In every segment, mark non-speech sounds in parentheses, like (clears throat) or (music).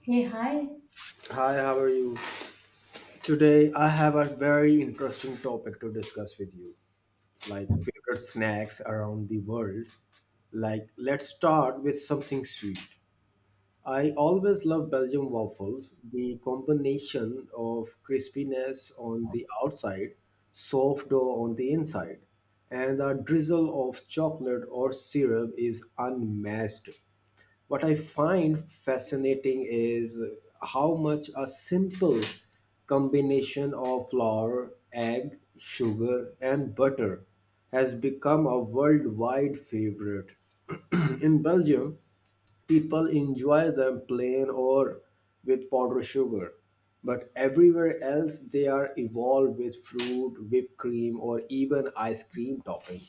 Hey, hi. Hi, how are you? Today I have a very interesting topic to discuss with you, like favorite snacks around the world. Like, let's start with something sweet. I always love Belgian waffles. The combination of crispiness on the outside, soft dough on the inside, and a drizzle of chocolate or syrup is unmatched. What I find fascinating is how much a simple combination of flour, egg, sugar, and butter has become a worldwide favorite. (clears throat) In Belgium, people enjoy them plain or with powdered sugar, but everywhere else they are evolved with fruit, whipped cream, or even ice cream topping.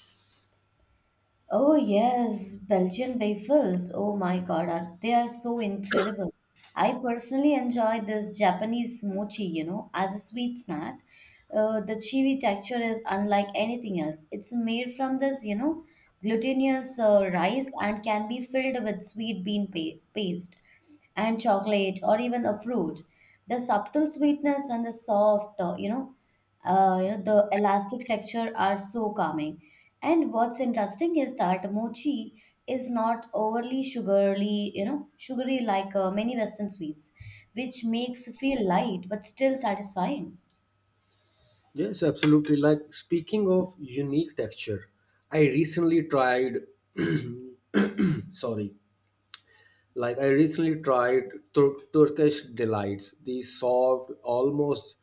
Oh yes, Belgian waffles. Oh my God, are they are so incredible. I personally enjoy this Japanese mochi, you know, as a sweet snack. The chewy texture is unlike anything else. It's made from this, you know, glutinous rice and can be filled with sweet bean paste and chocolate or even a fruit. The subtle sweetness and the soft, the elastic texture are so calming, and what's interesting is that mochi is not overly sugary, like many western sweets, which makes feel light but still satisfying. Yes, absolutely. Like, speaking of unique texture, I recently tried (clears throat) sorry, like I recently tried Turkish delights, the soft, almost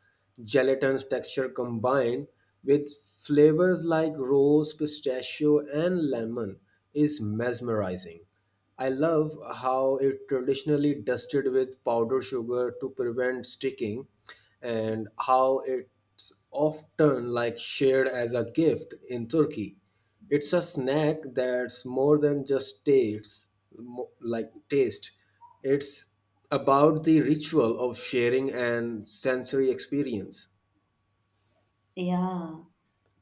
gelatinous texture combined with flavors like rose, pistachio, and lemon is mesmerizing. I love how it traditionally dusted with powdered sugar to prevent sticking, and how it's often like shared as a gift in Turkey. It's a snack that's more than just tastes, like taste. It's about the ritual of sharing and sensory experience. Yeah.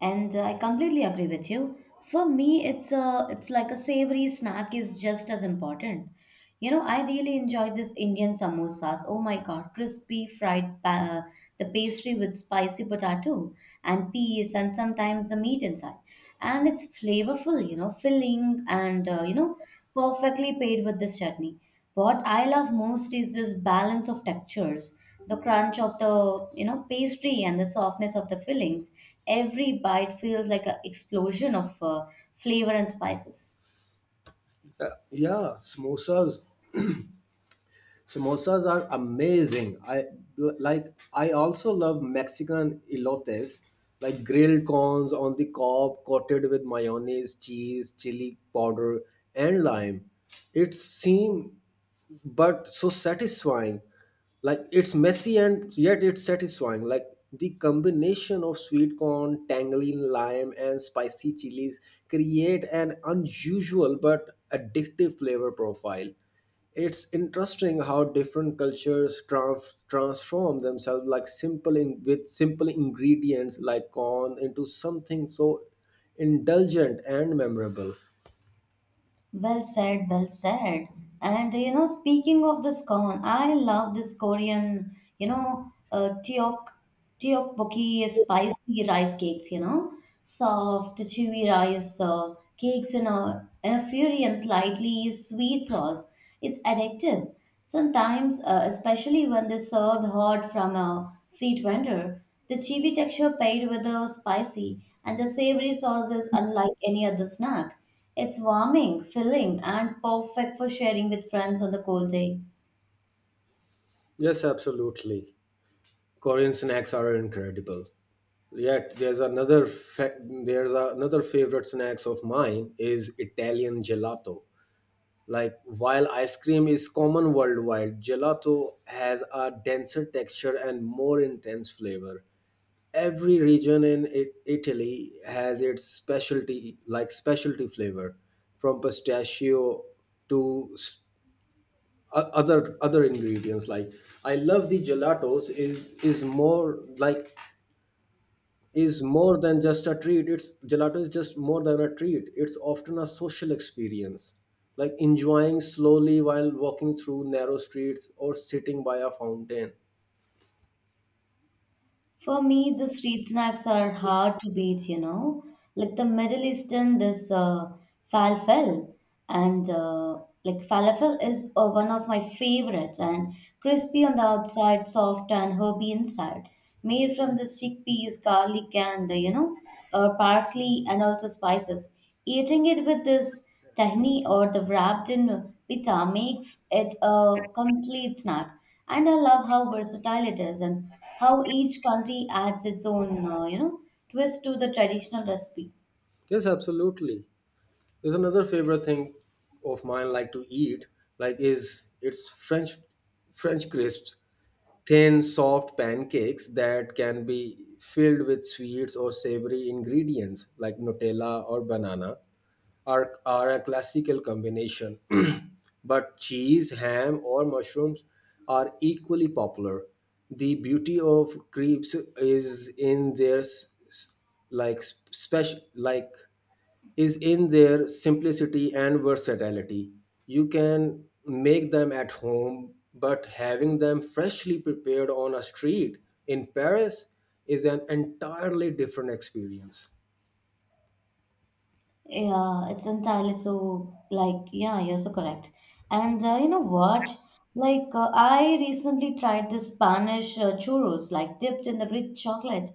And I completely agree with you. For me, it's a it's like a savory snack is just as important. You know, I really enjoy this Indian samosas. Oh my God, crispy fried the pastry with spicy potato and peas, and sometimes the meat inside. And it's flavorful, you know, filling, and perfectly paired with this chutney. What I love most is this balance of textures, the crunch of the pastry and the softness of the fillings. Every bite feels like an explosion of flavor and spices. Yeah, samosas. Samosas are amazing. I l- like. I also love Mexican elotes, like grilled corns on the cob, coated with mayonnaise, cheese, chili powder, and lime. It seem. But so satisfying, like it's messy and yet it's satisfying. Like, the combination of sweet corn, tangerine, lime, and spicy chilies create an unusual but addictive flavor profile. It's interesting how different cultures transform themselves, like simple with simple ingredients like corn into something so indulgent and memorable. Well said, well said. And you know, speaking of this corn, I love this Korean, you know, teok tteokbokki spicy rice cakes. You know, soft, chewy rice cakes in a fiery and slightly sweet sauce. It's addictive. Sometimes, especially when they're served hot from a street vendor, the chewy texture paired with the spicy and the savory sauce is unlike any other snack. It's warming, filling, and perfect for sharing with friends on a cold day. Yes, absolutely. Korean snacks are incredible. Yet there's another favorite snacks of mine is Italian gelato. Like, while ice cream is common worldwide, gelato has a denser texture and more intense flavor. Every region in Italy has its specialty, like specialty flavor from pistachio to other ingredients like. I love the gelatos is more like, is more than just a treat, it's gelato is just more than a treat, it's often a social experience, like enjoying slowly while walking through narrow streets or sitting by a fountain. For me, the street snacks are hard to beat, you know. Like the Middle Eastern, this falafel, and falafel is one of my favorites, and crispy on the outside, soft and herby inside. Made from the chickpeas, garlic, and parsley and also spices. Eating it with this tahini or the wrapped in pita makes it a complete snack. And I love how versatile it is, and how each country adds its own, twist to the traditional recipe. Yes, absolutely. There's another favorite thing of mine like to eat, like is it's french French crisps, thin, soft pancakes that can be filled with sweets or savory ingredients like Nutella or banana are a classical combination. (clears throat) But cheese, ham, or mushrooms are equally popular. The beauty of crepes is in their s- s- like special like is in their simplicity and versatility. You can make them at home, but having them freshly prepared on a street in Paris is an entirely different experience. Yeah, it's entirely so like, yeah, you're so correct. And you know what? I recently tried the Spanish churros, like dipped in the rich chocolate.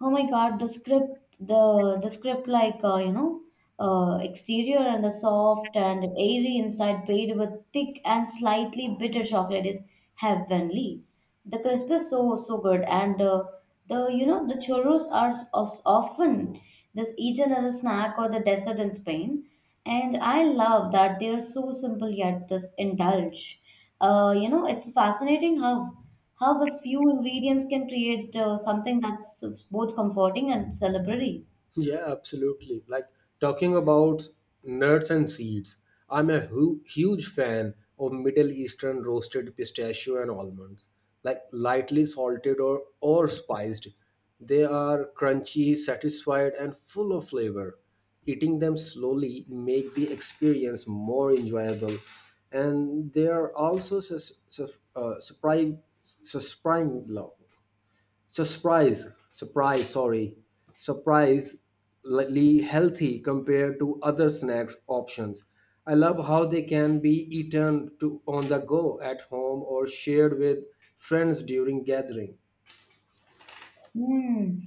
Oh my God, the script, the script like exterior and the soft and airy inside, paired with thick and slightly bitter chocolate is heavenly. The crisp is so so good, and the you know the churros are often this eaten as a snack or the dessert in Spain, and I love that they are so simple yet this indulge. You know, it's fascinating how a few ingredients can create something that's both comforting and celebratory. Yeah, absolutely. Like, talking about nuts and seeds, I'm a huge fan of Middle Eastern roasted pistachio and almonds, like lightly salted or spiced. They are crunchy, satisfied, and full of flavor. Eating them slowly make the experience more enjoyable, and they are also sus- sus- surprising, surprising love surprise surprise sorry surprisingly healthy compared to other snacks options. I love how they can be eaten to on the go, at home, or shared with friends during gathering. Hmm.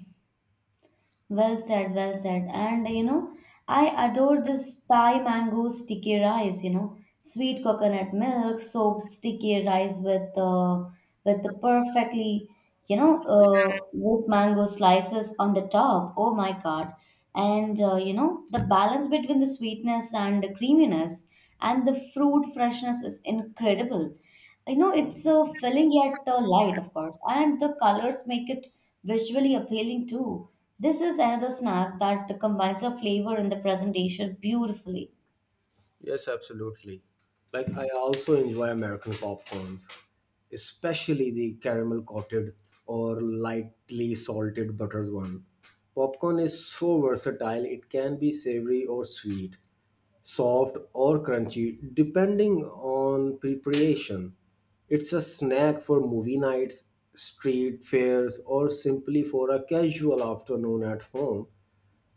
Well said, well said. And you know, I adore this Thai mango sticky rice, you know, sweet coconut milk, soaked sticky rice with the perfectly, you know, with mango slices on the top. Oh my God. And you know, the balance between the sweetness and the creaminess and the fruit freshness is incredible. You know, it's filling yet light, of course, and the colors make it visually appealing too. This is another snack that combines the flavor and the presentation beautifully. Yes, absolutely. Like, I also enjoy American popcorns, especially the caramel coated or lightly salted buttered one. Popcorn is so versatile, it can be savory or sweet, soft or crunchy, depending on preparation. It's a snack for movie nights, street fairs, or simply for a casual afternoon at home.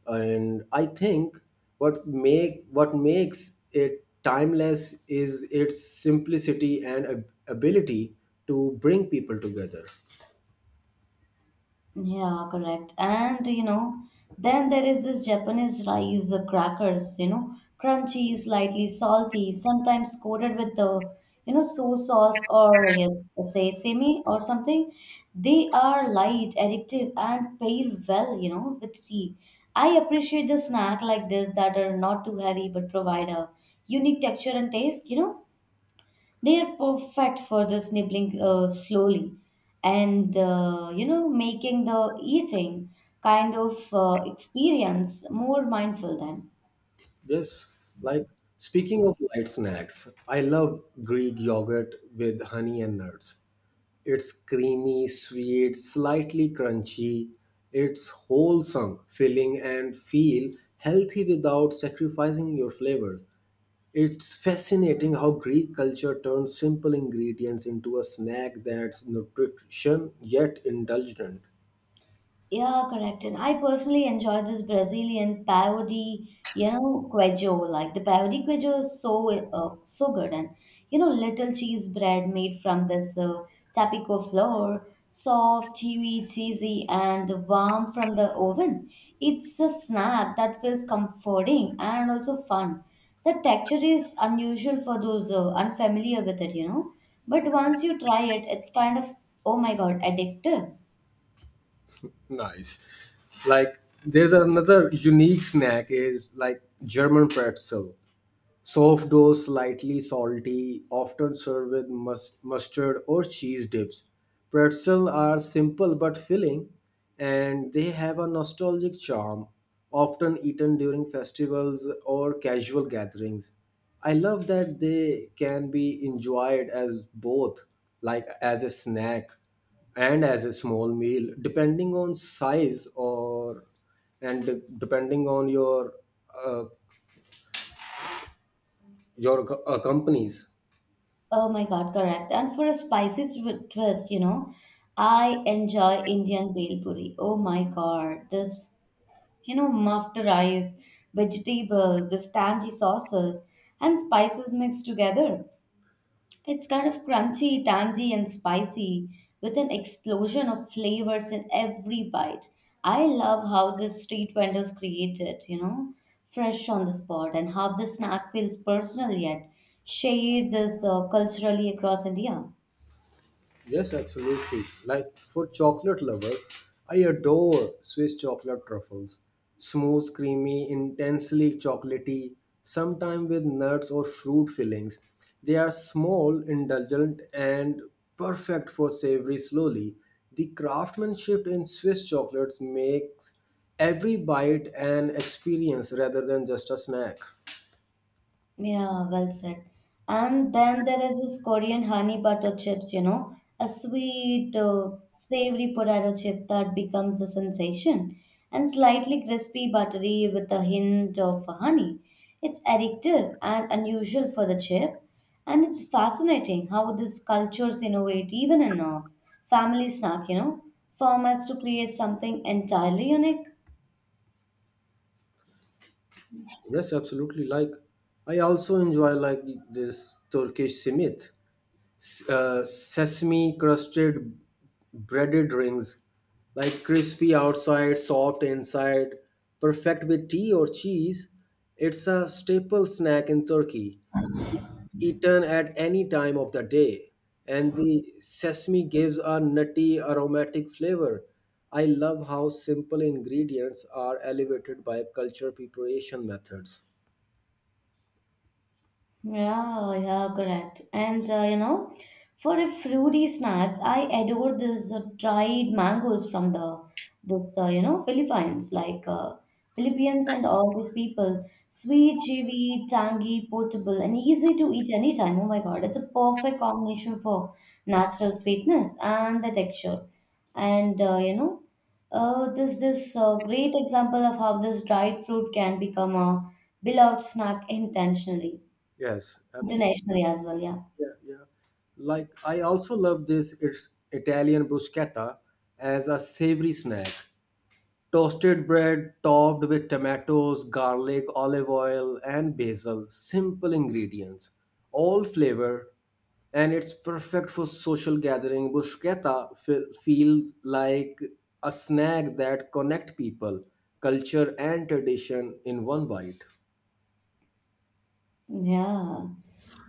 And I think what makes it timeless is its simplicity and ability to bring people together. Yeah, correct. And you know, then there is this Japanese rice crackers, you know, crunchy, slightly salty, sometimes coated with the, you know, soy sauce or yes, sesame or something. They are light, addictive, and pair well, you know, with tea. I appreciate the snack like this that are not too heavy but provide a unique texture and taste, you know. They are perfect for the nibbling slowly, and you know, making the eating kind of experience more mindful then. Yes. Like, speaking of light snacks, I love Greek yogurt with honey and nuts. It's creamy, sweet, slightly crunchy. It's wholesome, filling, and feel healthy without sacrificing your flavor. It's fascinating how Greek culture turns simple ingredients into a snack that's nutrition yet indulgent. Yeah, correct. And I personally enjoy this Brazilian pavode, you know, queijo. Like the pavode queijo is so so good, and you know, little cheese bread made from this tapico flour, soft, chewy, cheesy, and warm from the oven. It's a snack that feels comforting and also fun. The texture is unusual for those unfamiliar with it, you know. But once you try it, it's kind of, oh my god, addictive. Nice. Like, there's another unique snack is like German pretzel. Soft dough, slightly salty, often served with mustard or cheese dips. Pretzels are simple but filling, and they have a nostalgic charm, often eaten during festivals or casual gatherings. I love that they can be enjoyed as both, like as a snack and as a small meal, depending on size, or depending on your uh, companies. Oh my God, correct. And for a spicy twist, you know, I enjoy Indian bhel puri. Oh my God, this, you know, muffed rice, vegetables, the tangy sauces, and spices mixed together. It's kind of crunchy, tangy, and spicy, with an explosion of flavors in every bite. I love how the street vendors create it, you know, fresh on the spot, and how the snack feels personal yet shared this culturally across India. Yes, absolutely. Like, for chocolate lovers, I adore Swiss chocolate truffles. Smooth, creamy, intensely chocolatey, sometimes with nuts or fruit fillings. They are small, indulgent, and perfect for savory slowly. The craftsmanship in Swiss chocolates makes every bite an experience rather than just a snack. Yeah, well said. And then there is this Korean honey butter chips, you know, a sweet, savory potato chip that becomes a sensation, and slightly crispy, buttery with a hint of honey. It's addictive and unusual for the chip, and it's fascinating how this cultures innovate even in a family snack, you know, formats to create something entirely unique. Yes, absolutely. Like, I also enjoy like this Turkish simit. Sesame crusted breaded rings, like crispy outside, soft inside, perfect with tea or cheese. It's a staple snack in Turkey, eaten at any time of the day, and the sesame gives a nutty, aromatic flavor. I love how simple ingredients are elevated by culture preparation methods. Yeah, yeah, correct. And you know, for a fruity snacks, I adore this dried mangoes from the this you know Philippines, like Philippines and all these people. Sweet, chewy, tangy, portable, and easy to eat anytime. Oh my God, it's a perfect combination for natural sweetness and the texture. And you know, this this great example of how this dried fruit can become a beloved snack intentionally. Yes, absolutely. Internationally as well, yeah. Yeah, yeah. Like, I also love this, it's Italian bruschetta, as a savory snack. Toasted bread topped with tomatoes, garlic, olive oil, and basil. Simple ingredients, all flavor. And it's perfect for social gathering. Bruschetta feels like a snack that connect people, culture, and tradition in one bite. Yeah.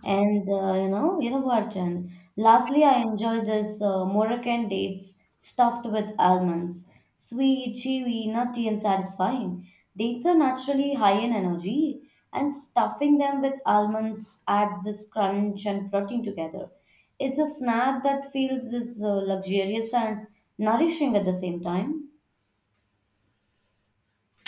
And you know what, Jen? Lastly, I enjoy this Moroccan dates stuffed with almonds. Sweet, chewy, nutty, and satisfying. Dates are naturally high in energy, and stuffing them with almonds adds this crunch and protein together. It's a snack that feels this luxurious and nourishing at the same time.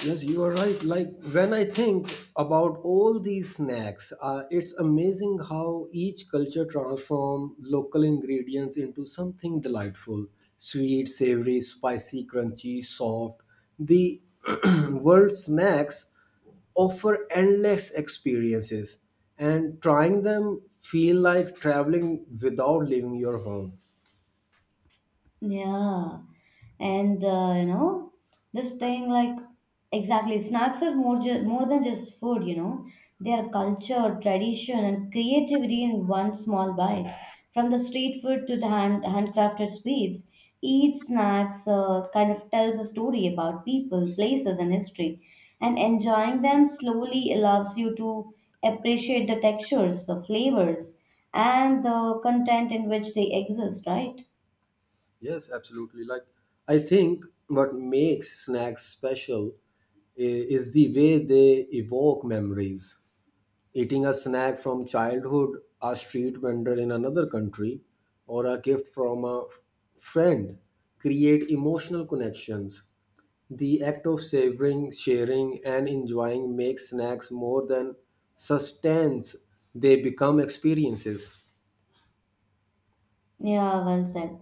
Yes, you are right. Like, when I think about all these snacks, it's amazing how each culture transforms local ingredients into something delightful. Sweet, savory, spicy, crunchy, soft. The (clears throat) world snacks offer endless experiences, and trying them feel like traveling without leaving your home. Yeah. And you know, this thing, like exactly, snacks are more than just food, you know. They are culture, tradition, and creativity in one small bite. From the street food to the hand handcrafted sweets, each snacks kind of tells a story about people, places, and history, and enjoying them slowly allows you to appreciate the textures, the flavors, and the content in which they exist, right? Yes, absolutely. Like, I think what makes snacks special is the way they evoke memories. Eating a snack from childhood, a street vendor in another country, or a gift from a friend create emotional connections. The act of savoring, sharing, and enjoying makes snacks more than sustenance, they become experiences. Yeah, well said.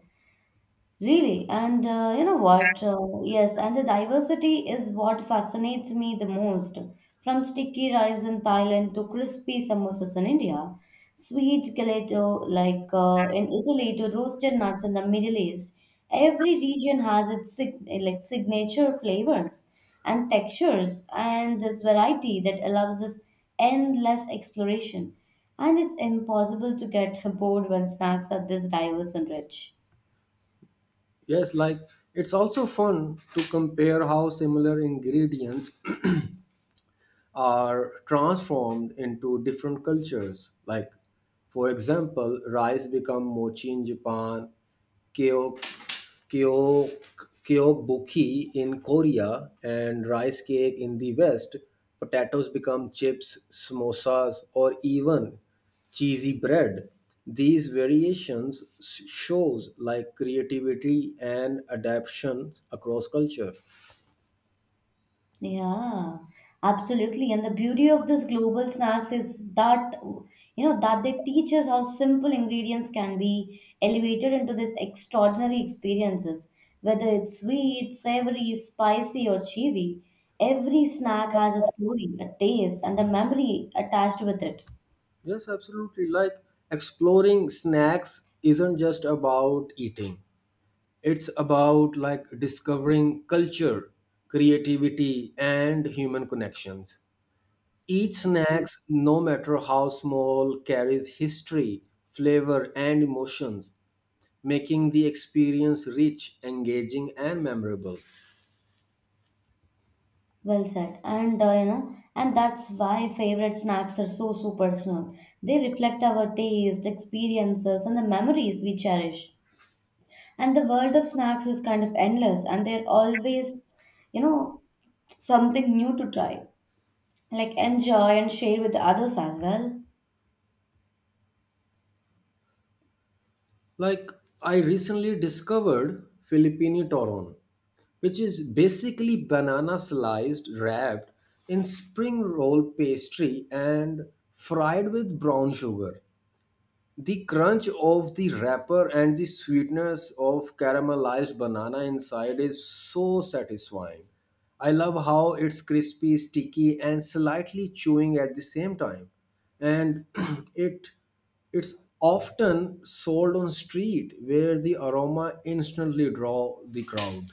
Really, and you know what? Yes, and the diversity is what fascinates me the most. From sticky rice in Thailand to crispy samosas in India, sweet gelato like in Italy to roasted nuts in the Middle East. Every region has its signature flavors and textures, and this variety that allows this endless exploration. And it's impossible to get (laughs) bored when snacks are this diverse and rich. Yes, like it's also fun to compare how similar ingredients are transformed into different cultures. Like, for example, rice become mochi in Japan, kyo- kyo- kyobuki in Korea, and rice cake in the West. Potatoes become chips, samosas, or even cheesy bread. These variations shows like creativity and adaptations across culture. Yeah, absolutely. And the beauty of this global snacks is that, you know, that they teach us how simple ingredients can be elevated into these extraordinary experiences. Whether it's sweet, savory, spicy, or chewy, every snack has a story, a taste, and a memory attached with it. Yes, absolutely. Like, exploring snacks isn't just about eating. It's about like discovering culture, creativity, and human connections. Each snacks, no matter how small, carries history, flavor, and emotions, making the experience rich, engaging, and memorable. Well said. And you know, and that's why favorite snacks are so so personal. They reflect our taste, experiences, and the memories we cherish. And the world of snacks is kind of endless, and they're always, you know, something new to try. Like enjoy and share with the others as well. Like, I recently discovered Filipino toron, which is basically banana sliced, wrapped in spring roll pastry and fried with brown sugar. The crunch of the wrapper and the sweetness of caramelized banana inside is so satisfying. I love how it's crispy, sticky, and slightly chewing at the same time. And (clears throat) it it's often sold on street where the aroma instantly draw the crowd.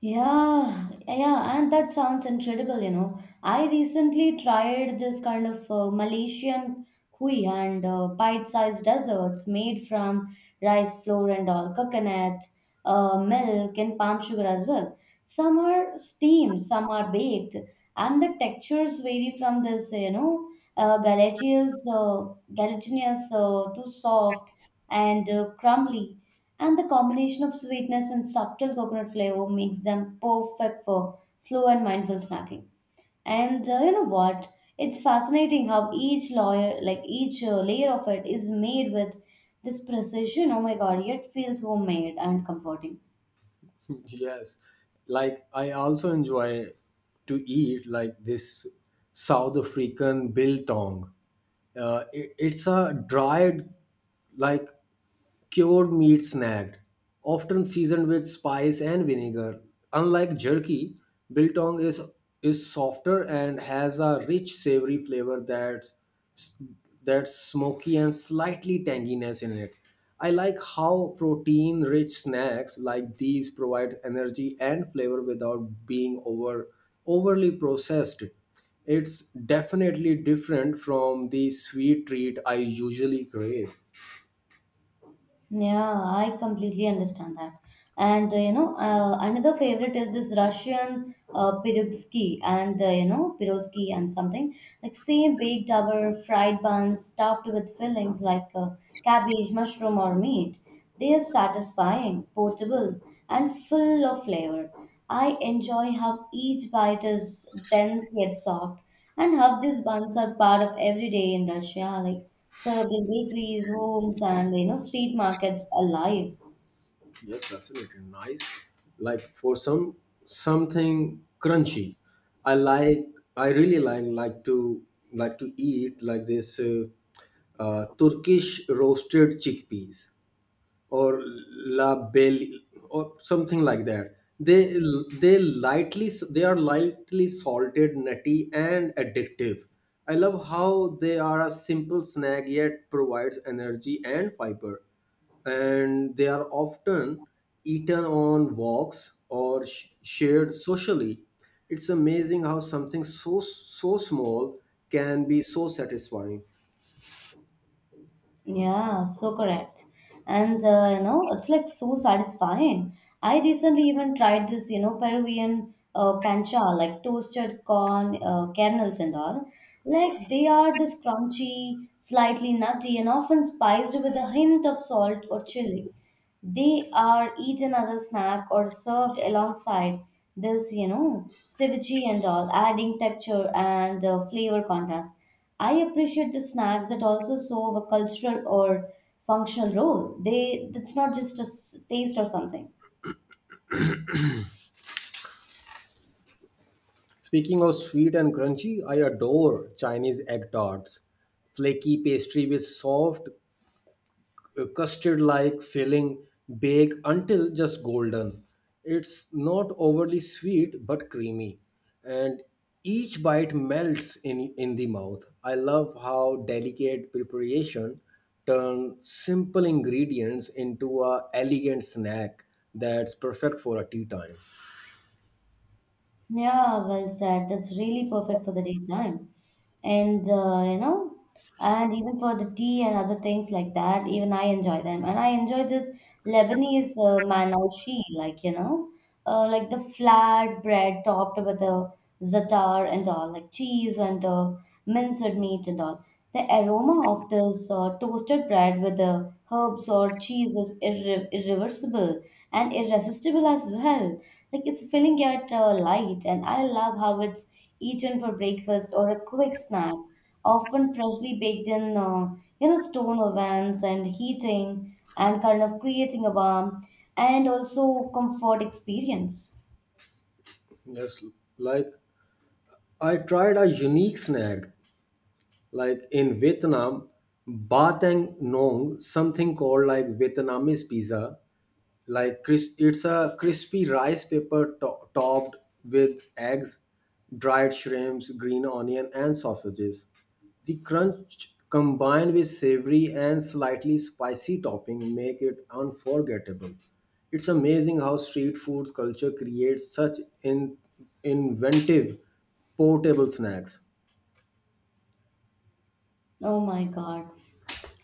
Yeah, yeah, and that sounds incredible, you know. I recently tried this kind of Malaysian kui and bite-sized desserts made from rice flour and all, coconut, milk, and palm sugar as well. Some are steamed, some are baked, and the textures vary from this, you know, uh, gelatinous, uh, gelatinous to soft and crumbly, and the combination of sweetness and subtle coconut flavor makes them perfect for slow and mindful snacking. And you know what? It's fascinating how each layer, like each layer of it, is made with this precision. Oh my God! Yet feels homemade and comforting. (laughs) Yes, like I also enjoy to eat like this South African biltong. It's a dried, like cured meat snack, often seasoned with spice and vinegar. Unlike jerky, biltong is softer and has a rich savory flavor that smoky and slightly tanginess in it. I like how protein rich snacks like these provide energy and flavor without being overly processed. It's definitely different from the sweet treat I usually crave. Yeah, I completely understand that. And another favorite is this Russian pirogski, and pirogski and something like same baked our fried buns stuffed with fillings like cabbage, mushroom, or meat. They are satisfying, portable, and full of flavor. I enjoy how each bite is dense yet soft, and how these buns are part of every day in Russia, like served in bakeries, homes, and you know, street markets alive. Yes, that's fascinating. Nice. Like, for something crunchy, I like. I really like to eat, like, this Turkish roasted chickpeas or La Belle or something like that. They are lightly salted, nutty, and addictive. I love how they are a simple snack yet provides energy and fiber, and they are often eaten on walks or shared socially. It's amazing how something so small can be so satisfying. Yeah, so correct. And you know, it's like so satisfying. I recently even tried this, you know, Peruvian cancha, like toasted corn kernels and all. Like they are this crunchy, slightly nutty, and often spiced with a hint of salt or chili. They are eaten as a snack or served alongside this, you know, ceviche and all, adding texture and flavor contrast. I appreciate the snacks that also serve a cultural or functional role. They It's not just a taste or something. Speaking of sweet and crunchy, I adore Chinese egg tarts. Flaky pastry with soft custard like filling, bake until just golden. It's not overly sweet but creamy, and each bite melts in the mouth. I love how delicate preparation turn simple ingredients into a elegant snack that's perfect for a tea time. Yeah, well said. That's really perfect for the daytime. And and even for the tea and other things like that, even I enjoy them. And I enjoy this Lebanese manaushi, like the flat bread topped with the za'atar and all, like cheese and minced meat and all. The aroma of this toasted bread with the herbs or cheese is irreversible and irresistible as well. Like it's filling yet light, and I love how it's eaten for breakfast or a quick snack often freshly baked in, stone ovens and heating and kind of creating a warm and also comfort experience. Yes, like I tried a unique snack, like in Vietnam, ba tang nong, something called like Vietnamese pizza. Like, it's a crispy rice paper topped with eggs, dried shrimps, green onion, and sausages. The crunch combined with savory and slightly spicy topping make it unforgettable. It's amazing how street food culture creates such inventive portable snacks. Oh my God!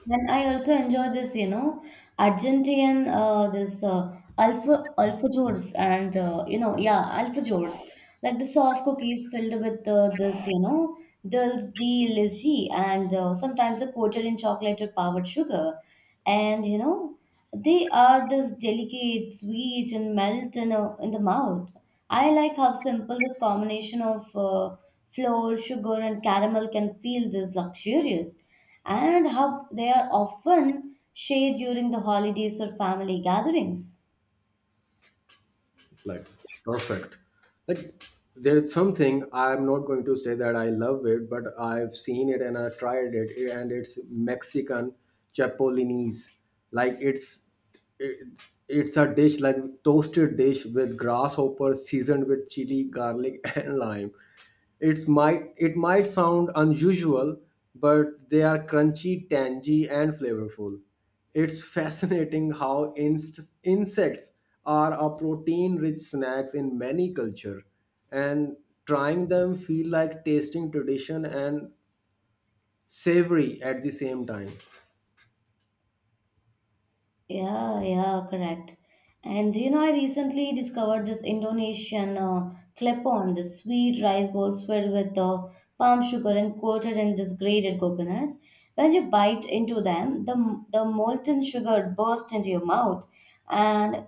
And I also enjoy this, you know, Argentinian, this alfa alfajores and yeah, alfajores, like the soft cookies filled with dills, the lychee, and sometimes are coated in chocolate or powdered sugar, and you know, they are this delicate, sweet, and melt in the mouth. I like how simple this combination of flour, sugar, and caramel can feel this luxurious and how they are often shared during the holidays or family gatherings. Like, perfect. Like, there's something I'm not going to say that I love it, but I've seen it and I tried it, and it's Mexican chapolinese. Like, it, it's a dish like toasted dish with grasshopper seasoned with chili, garlic (laughs) and lime. It might sound unusual, but they are crunchy, tangy, and flavorful. It's fascinating how insects are a protein-rich snacks in many culture, and trying them feel like tasting tradition and savory at the same time. Yeah, yeah, correct. And you know, I recently discovered this Indonesian klepon, the sweet rice balls filled with the palm sugar and coated in this grated coconut. When you bite into them, the molten sugar bursts into your mouth, and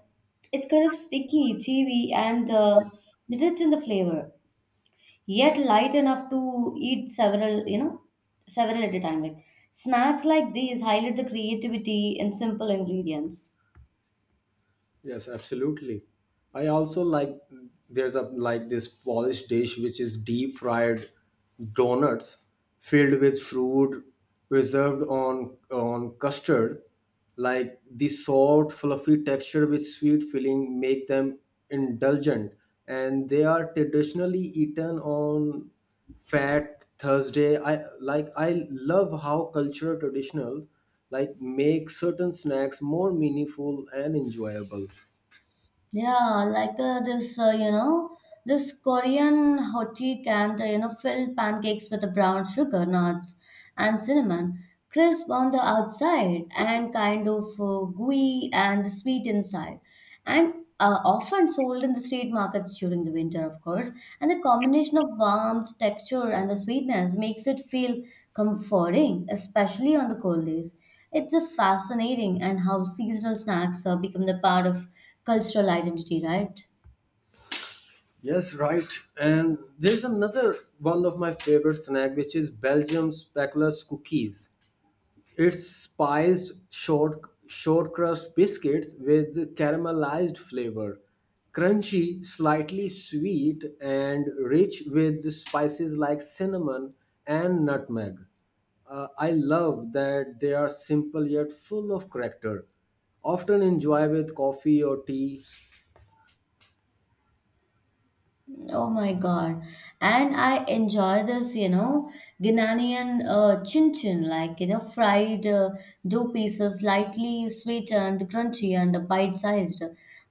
it's kind of sticky, chewy, and rich in the flavor, yet light enough to eat several, you know, several at a time. Like snacks like these highlight the creativity in simple ingredients. Yes, absolutely. I also like there's a like this Polish dish which is deep fried donuts filled with fruit preserved on custard. Like, the soft, fluffy texture with sweet filling make them indulgent, and they are traditionally eaten on Fat Thursday. I love how cultural traditional like make certain snacks more meaningful and enjoyable. Yeah, like this Korean hoti can, fill pancakes with the brown sugar, nuts, and cinnamon, crisp on the outside and kind of gooey and sweet inside, and often sold in the street markets during the winter, of course. And the combination of warmth, texture, and the sweetness makes it feel comforting, especially on the cold days. It's fascinating and how seasonal snacks become the part of cultural identity, right? Yes, right. And there's another one of my favorite snack which is Belgium's speckles cookies. It's spiced short crust biscuits with caramelized flavor, crunchy, slightly sweet, and rich with spices like cinnamon and nutmeg. I love that they are simple yet full of character. Often enjoy with coffee or tea. Oh my God. And I enjoy this, you know, Ghanaian chin chin, like, you know, fried dough pieces, lightly sweetened, crunchy, and bite sized.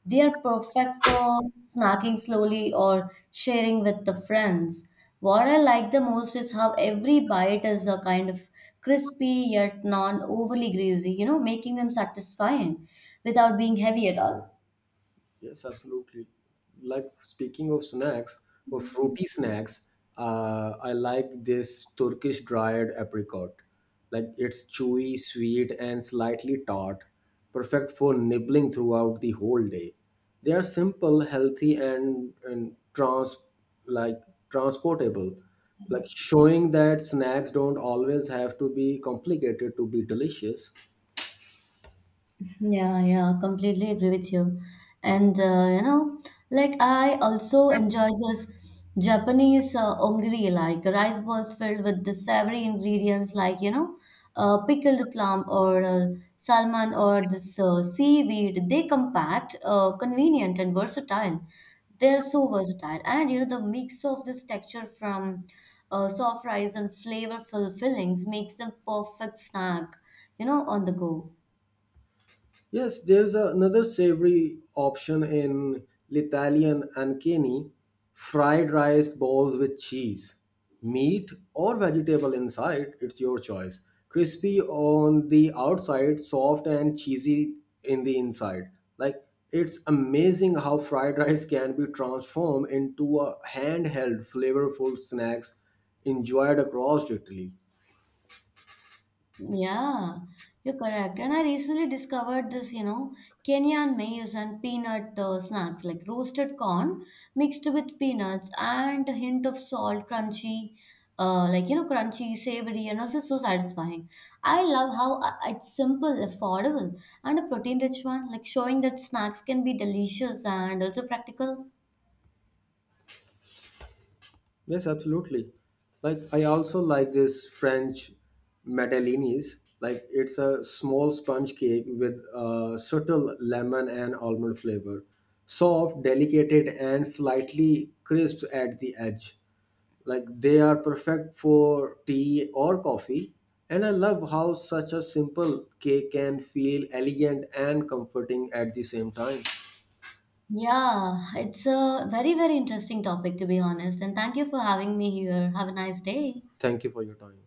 They are perfect for snacking slowly or sharing with the friends. What I like the most is how every bite is a kind of crispy yet non overly greasy, you know, making them satisfying without being heavy at all. Yes, absolutely. Like, speaking of snacks, for fruity snacks, I like this Turkish dried apricot. Like, it's chewy, sweet, and slightly tart, perfect for nibbling throughout the whole day. They are simple, healthy, and, like transportable. Like, showing that snacks don't always have to be complicated to be delicious. Yeah, yeah, completely agree with you. And like I also enjoy this Japanese ongiri, like rice balls filled with the savory ingredients, like you know, pickled plum or salmon or this seaweed. They compact, convenient, and versatile. They're so versatile, and you know, the mix of this texture from soft rice and flavorful fillings makes them perfect snack, you know, on the go. Yes, there's another savory option in Italian and Kenny fried rice balls with cheese, meat, or vegetable inside. It's your choice. Crispy on the outside, soft and cheesy in the inside. Like, it's amazing how fried rice can be transformed into a handheld, flavorful snacks enjoyed across Italy. Yeah, you're correct. And I recently discovered this, you know, Kenyan maize and peanut snacks like roasted corn mixed with peanuts and a hint of salt, crunchy, like, you know, crunchy, savory, and also so satisfying. I love how it's simple, affordable, and a protein-rich one, like showing that snacks can be delicious and also practical. Yes, absolutely. Like, I also like this French madeleines. Like, it's a small sponge cake with a subtle lemon and almond flavor, soft, delicate, and slightly crisp at the edge. Like, they are perfect for tea or coffee. And I love how such a simple cake can feel elegant and comforting at the same time. Yeah, it's a very, very interesting topic, to be honest. And thank you for having me here. Have a nice day. Thank you for your time.